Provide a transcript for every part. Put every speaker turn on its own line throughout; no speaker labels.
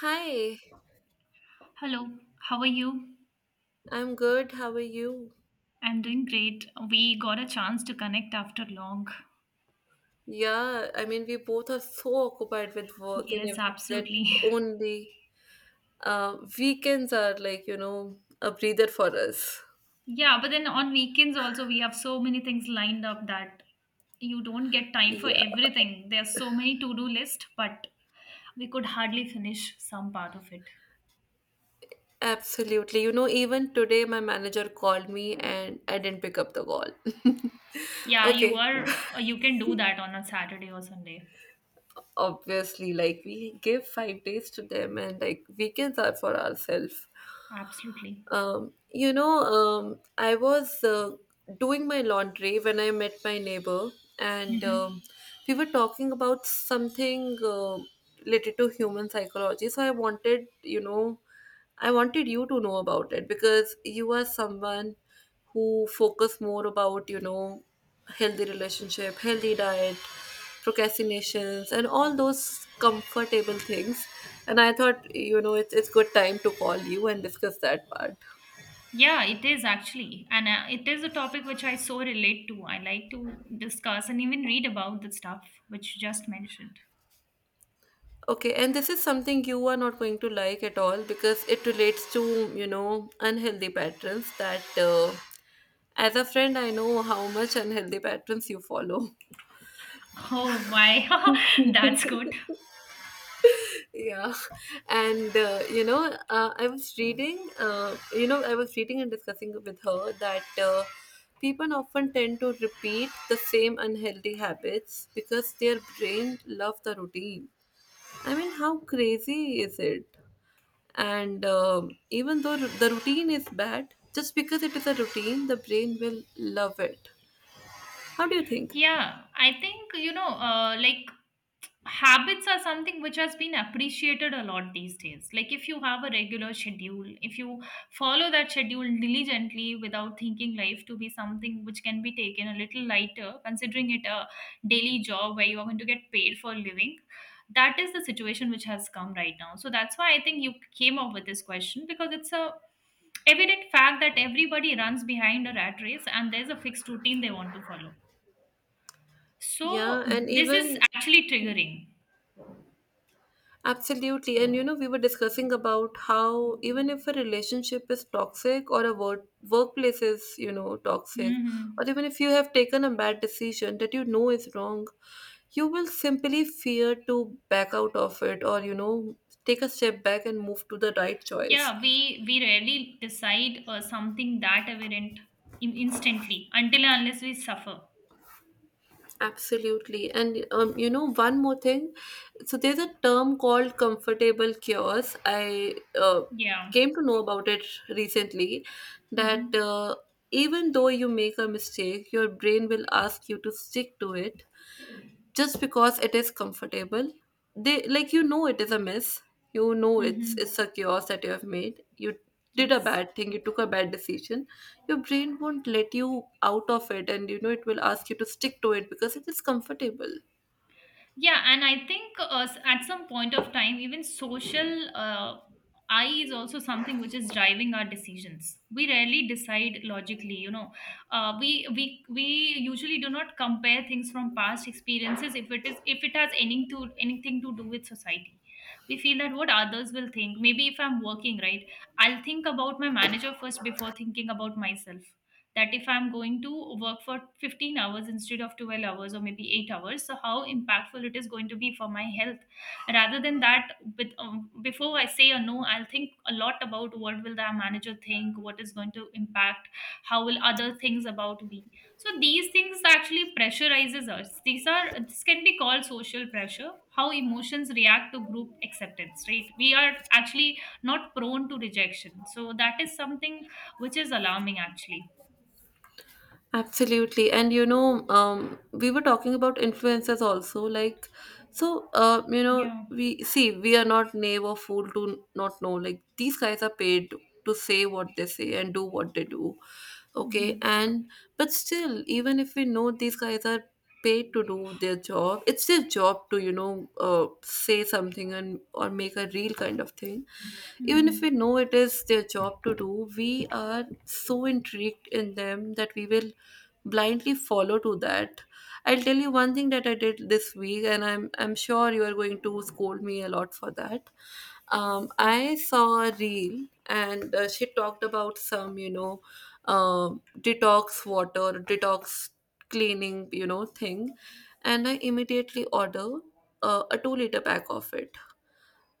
Hi,
Hello, how are you?
I'm good. How are you?
I'm doing great. We got a chance to connect after long.
Yeah, I mean, we both are so occupied with work and
Yes,
everything that
absolutely.
only weekends are like a breather for us.
Yeah, but then on weekends also, we have so many things lined up that you don't get time for
Yeah,
everything. There's so many to do list, but we could hardly finish some part of it.
absolutely. Even today my manager called me and I didn't pick up the call.
Yeah,
Okay,
you can do that on a Saturday or Sunday.
obviously, like we give 5 days to them, and like weekends are for ourselves.
Absolutely.
I was doing my laundry when I met my neighbor, and
Mm-hmm.
we were talking about something related to human psychology. So I wanted you to know about it, because you are someone who focus more about healthy relationship, healthy diet, procrastinations, and all those comfortable things. And I thought it's good time to call you and discuss that part.
Yeah, it is actually. And it is a topic which I so relate to. I like to discuss and even read about the stuff which you just mentioned.
Okay, and this is something you are not going to like at all, because it relates to unhealthy patterns that, as a friend, I know how much unhealthy patterns you follow.
Oh, why? That's good.
Yeah, and I was reading you know I was reading and discussing with her that, people often tend to repeat the same unhealthy habits because their brain love the routine. I mean, how crazy is it? And even though the routine is bad, just because it is a routine, the brain will love it. How do you think?
Yeah, I think, you know, like habits are something which has been appreciated a lot these days. Like if you have a regular schedule, if you follow that schedule diligently without thinking life to be something which can be taken a little lighter, considering it a daily job where you are going to get paid for a living. That is the situation which has come right now. So that's why I think you came up with this question, because it's a evident fact that everybody runs behind a rat race and there's a fixed routine they want to follow,
Yeah,
so
and
this is
even.
actually triggering.
Absolutely. And we were discussing about how even if a relationship is toxic or a workplace is toxic,
Mm-hmm.
or even if you have taken a bad decision that you know is wrong, you will simply fear to back out of it or take a step back and move to the right choice.
Yeah, we rarely decide something that aberrant instantly until and unless we suffer.
Absolutely. And one more thing. So there's a term called comfortable cures. I
Yeah.
came to know about it recently, that
Mm-hmm.
even though you make a mistake, your brain will ask you to stick to it just because it is comfortable. They like it is a mess. you know it's
Mm-hmm.
it's a chaos that you have made. You did a
Yes.
bad thing, you took a bad decision, your brain won't let you out of it. And it will ask you to stick to it because it is comfortable.
Yeah, and I think at some point of time, even social I is also something which is driving our decisions. We rarely decide logically, you know. We usually do not compare things from past experiences if it is, if it has anything to do with society. We feel that what others will think. Maybe if I'm working, right, I'll think about my manager first before thinking about myself, that if I'm going to work for 15 hours instead of 12 hours or maybe 8 hours, so how impactful it is going to be for my health. Rather than that, with, before I say a no, I'll think a lot about what will the manager think, what is going to impact, how will other things about me. So these things actually pressurizes us. These are, this can be called social pressure, how emotions react to group acceptance. Right, we are actually not prone to rejection, so that is something which is alarming actually.
Absolutely. And we were talking about influencers also. Like, so,
Yeah.
we see we are not naive or fool to not know. Like, these guys are paid to say what they say and do what they do. Okay.
Hmm.
But still, even if we know these guys are paid to do their job, it's their job to say something, and or make a real kind of thing. Even if we
Hmm.
know it is their job to do, we are so intrigued in them that we will blindly follow to that. I'll tell you one thing that I did this week, and I'm sure you are going to scold me a lot for that. I saw a reel, and she talked about some detox water, detox cleaning thing. And I immediately order a 2-liter pack of it.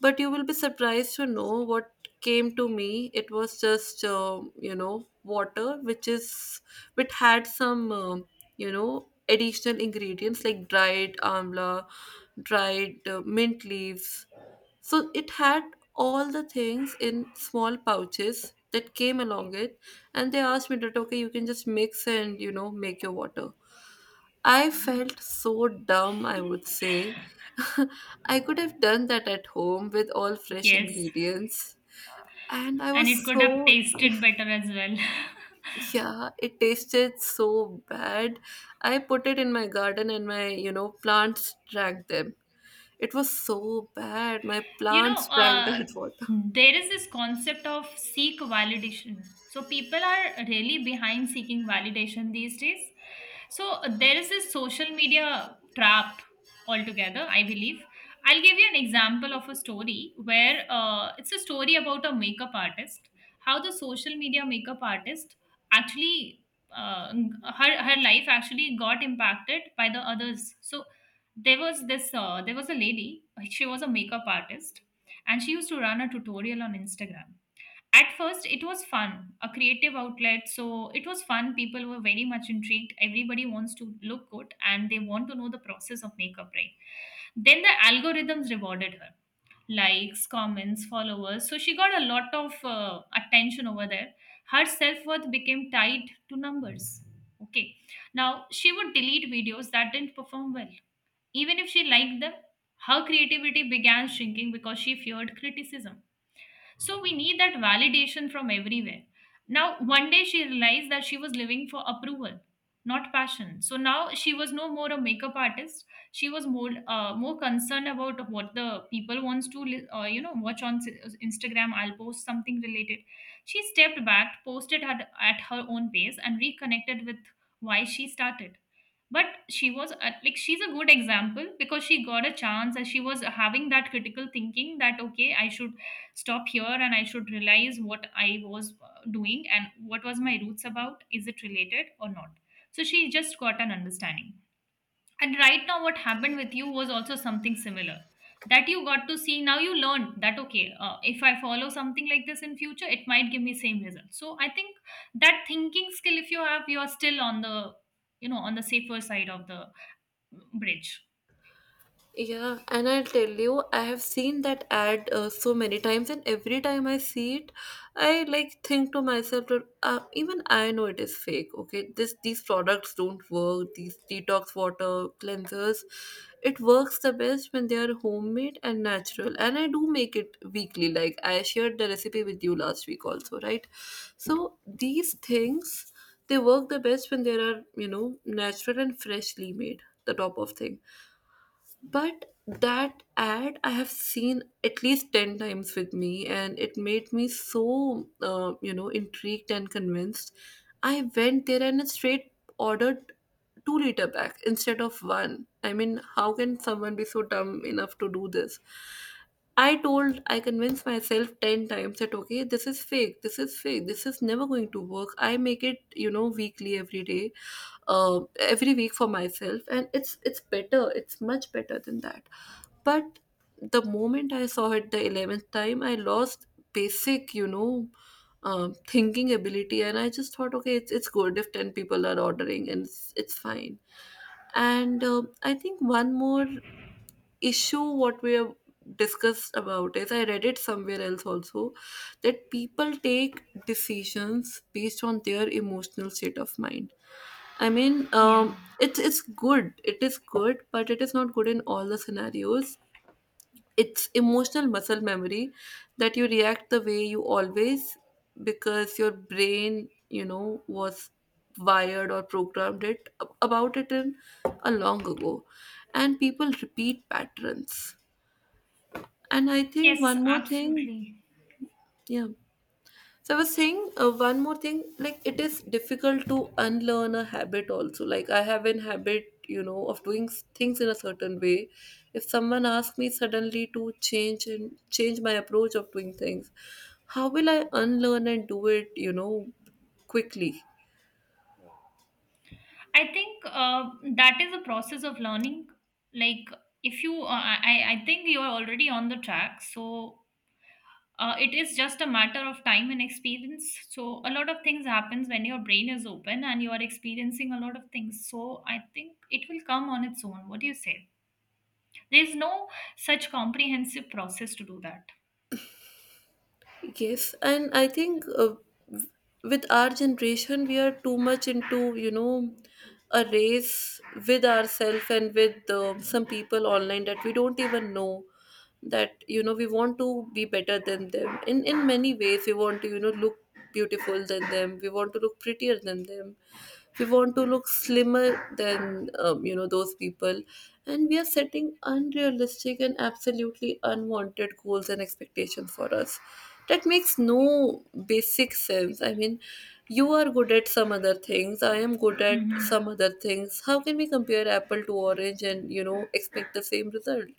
But you will be surprised to know what came to me. It was just water which had some you know additional ingredients like dried amla, dried mint leaves. So it had all the things in small pouches that came along it. And they asked me that, okay, you can just mix and make your water. I felt so dumb, I would say. I could have done that at home with all fresh
Yes.
ingredients. And I
And it
was
could have
so,
tasted better as well.
yeah, it tasted so bad. I put it in my garden, and my plants drank them. It was so bad. My
You know,
plants drank that water.
there is this concept of seek validation, so people are really behind seeking validation these days. So there is this social media trap altogether, I believe. I'll give you an example of a story where, it's a story about a makeup artist, how the social media makeup artist actually, uh, her life actually got impacted by the others. So there was this, there was a lady, she was a makeup artist, and she used to run a tutorial on Instagram. At first, it was fun, a creative outlet. So it was fun. People were very much intrigued. Everybody wants to look good and they want to know the process of makeup, right? Then the algorithms rewarded her likes, comments, followers. So she got a lot of attention over there. Her self worth became tied to numbers. Okay. Now she would delete videos that didn't perform well. Even if she liked them, her creativity began shrinking because she feared criticism. So we need that validation from everywhere. Now, one day she realized that she was living for approval, not passion. So now she was no more a makeup artist. She was more concerned about what the people wants to you know, watch on Instagram. I'll post something related. She stepped back, posted her at her own pace, and reconnected with why she started. But she was like, she's a good example because she got a chance and she was having that critical thinking that okay, I should stop here and I should realize what I was doing and what was my roots about, is it related or not. So she just got an understanding. And right now, what happened with you was also something similar, that you got to see now, you learned that okay, if I follow something like this in future it might give me same result. So I think that thinking skill if you have, you are still on the, you know, on the safer side of the bridge.
Yeah, and I'll tell you, I have seen that ad so many times, and every time I see it, I like think to myself that, even I know it is fake. Okay, this these products don't work. These detox water cleansers, it works the best when they are homemade and natural. And I do make it weekly. Like I shared the recipe with you last week also, right? So these things, they work the best when they are natural and freshly made. The top of thing. But that ad I have seen at least 10 times with me, and it made me so intrigued and convinced. I went there and straight ordered 2-liter pack instead of one. I mean, how can someone be so dumb enough to do this? I convinced myself 10 times that, okay, this is fake, this is fake, this is never going to work. I make it weekly, every day, every week for myself, and it's better, it's much better than that. But the moment I saw it the 11th time, I lost basic thinking ability. And I just thought, okay, it's good if 10 people are ordering, and it's fine. And I think one more issue what we have discussed about is, I read it somewhere else also, that people take decisions based on their emotional state of mind. I mean,
Yeah.
it's good. It is good, but it is not good in all the scenarios. It's emotional muscle memory, that you react the way you always, because your brain was wired or programmed it about it in a long ago, and people repeat patterns. And I think
Yes,
one more thing.
absolutely.
Yeah. So I was saying one more thing, like it is difficult to unlearn a habit also. Like I have an habit of doing things in a certain way. If someone asks me suddenly to change and change my approach of doing things, how will I unlearn and do it quickly?
I think that is a process of learning. Like if you, uh, I think you are already on the track. So it is just a matter of time and experience. So a lot of things happens when your brain is open and you are experiencing a lot of things. So I think it will come on its own. What do you say? There is no such comprehensive process to do that.
Yes, and I think, w- with our generation, we are too much into a race with ourselves and with some people online that we don't even know, that we want to be better than them. In many ways, we want to look beautiful than them, we want to look prettier than them, we want to look slimmer than those people. And we are setting unrealistic and absolutely unwanted goals and expectations for us that makes no basic sense. I mean, you are good at some other things, I am good at some
Hmm.
other things. How can we compare apple to orange and expect the same result?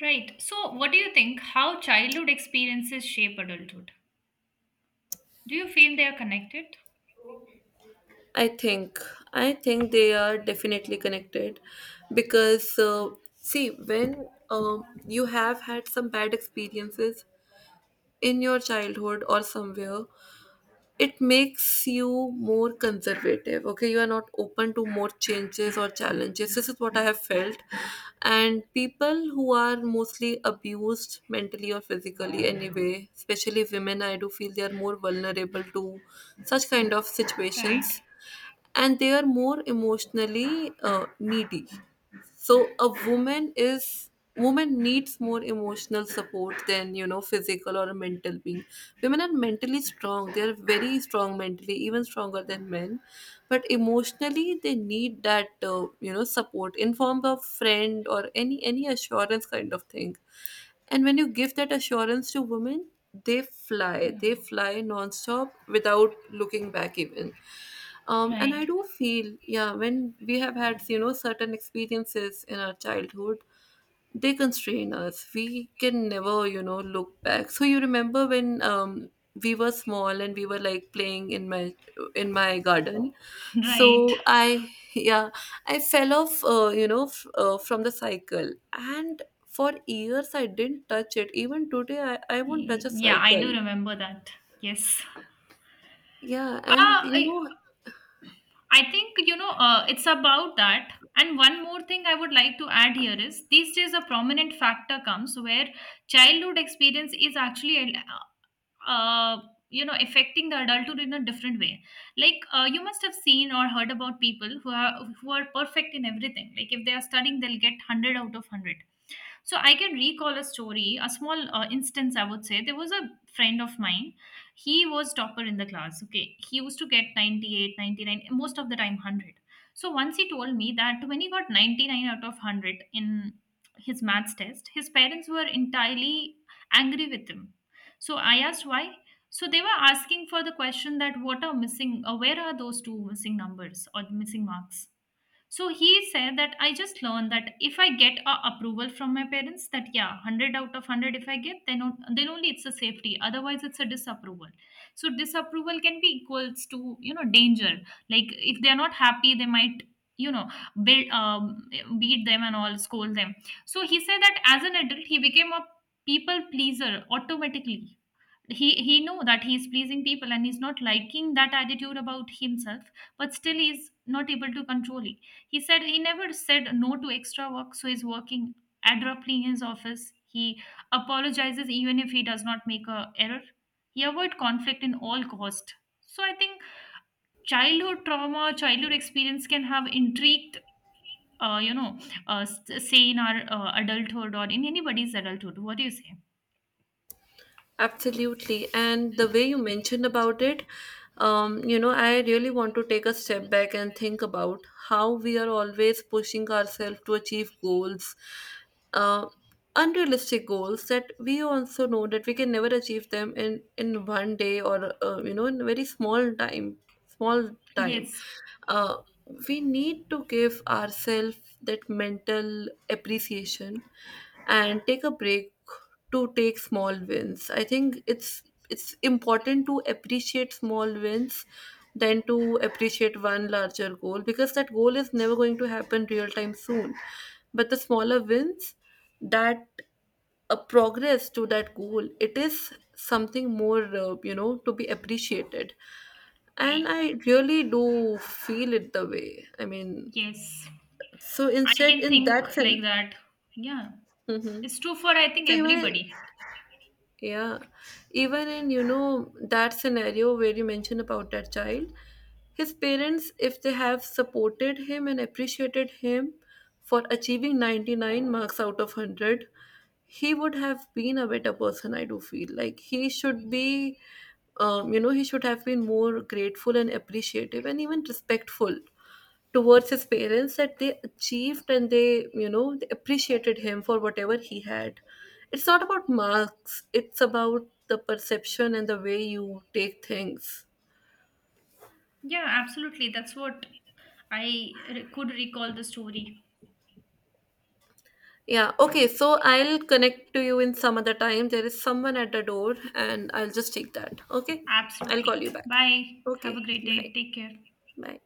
Right. So what do you think? How childhood experiences shape adulthood? Do you feel they are connected?
I think I think they are definitely connected, because see, when you have had some bad experiences in your childhood or somewhere, it makes you more conservative. Okay, you are not open to more changes or challenges. This is what I have felt. And people who are mostly abused mentally or physically anyway, especially women, I do feel they are more vulnerable to such kind of
Right.
situations. And they are more emotionally needy. So a woman is woman needs more emotional support than physical or mental being. Women are mentally strong, they are very strong mentally, even stronger than men. But emotionally they need that support in form of friend or any assurance kind of thing. And when you give that assurance to women, they fly, they
Yeah.
fly non-stop without looking back even. And I
Right.
do feel, yeah, when we have had certain experiences in our childhood, they constrain us. We can never look back. So you remember when, we were small and we were like playing in my garden.
Right.
So I fell off from the cycle. And for years I didn't touch it. Even today I won't touch a
Yeah, I do
cycle.
remember that. Yes.
Yeah,
Uh,
and
I, I think, you know, it's about that. And one more thing I would like to add here is, these days a prominent factor comes where childhood experience is actually, uh, you know, affecting the adulthood in a different way. Like you must have seen or heard about people who are perfect in everything. Like if they are studying, they'll get hundred out of hundred. So I can recall a story, a small instance, I would say. There was a friend of mine. He was topper in the class. Okay. He used to get 98, 99, most of the time 100. So once he told me that when he got 99 out of 100 in his maths test, his parents were entirely angry with him. So I asked why. So they were asking for the question that what are missing, or where are those two missing numbers or missing marks? So he said that I just learned that if I get a approval from my parents, that yeah, 100 out of 100 if I get then on, then only it's a safety, otherwise it's a disapproval. So disapproval can be equals to, you know, danger. Like if they're not happy they might, you know, build, beat them and all, scold them. So he said that as an adult he became a people pleaser automatically. He know that he is pleasing people and he's not liking that attitude about himself, but still he's not able to control it. He said he never said no to extra work, so he's working abruptly in his office. He apologizes even if he does not make a error. He avoid conflict in all cost. So I think childhood trauma, childhood experience can have intrigued uh, you know say in our adulthood or in anybody's adulthood. What do you say?
absolutely. And the way you mentioned about it, I really want to take a step back and think about how we are always pushing ourselves to achieve goals, uh, unrealistic goals that we also know that we can never achieve them in one day, or in very small time, small time.
yes
Uh, we need to give ourselves that mental appreciation and take a break to take small wins. I think it's important to appreciate small wins than to appreciate one larger goal, because that goal is never going to happen real time soon. But the smaller wins, that a progress to that goal, it is something more to be appreciated. And
i
I really do feel it the way, I mean,
yes,
so
I
instead
can
in
think
that
like
sense.
that. Yeah.
Hmm.
It's true for, I think,
So even.
everybody.
Yeah, even in that scenario where you mentioned about that child, his parents, if they have supported him and appreciated him for achieving 99 marks out of 100, he would have been a better person. I do feel like he should be, you know, he should have been more grateful and appreciative and even respectful towards his parents, that they achieved and they you know they appreciated him for whatever he had. It's not about marks, it's about the perception and the way you take things.
Yeah, absolutely. That's what could recall the story.
Yeah, okay. So I'll connect to you in some other time. There is someone at the door, and I'll just take that. Okay, I'll call
Absolutely.
you back.
Bye.
Okay,
Have a great
bye.
day. Take care.
Bye.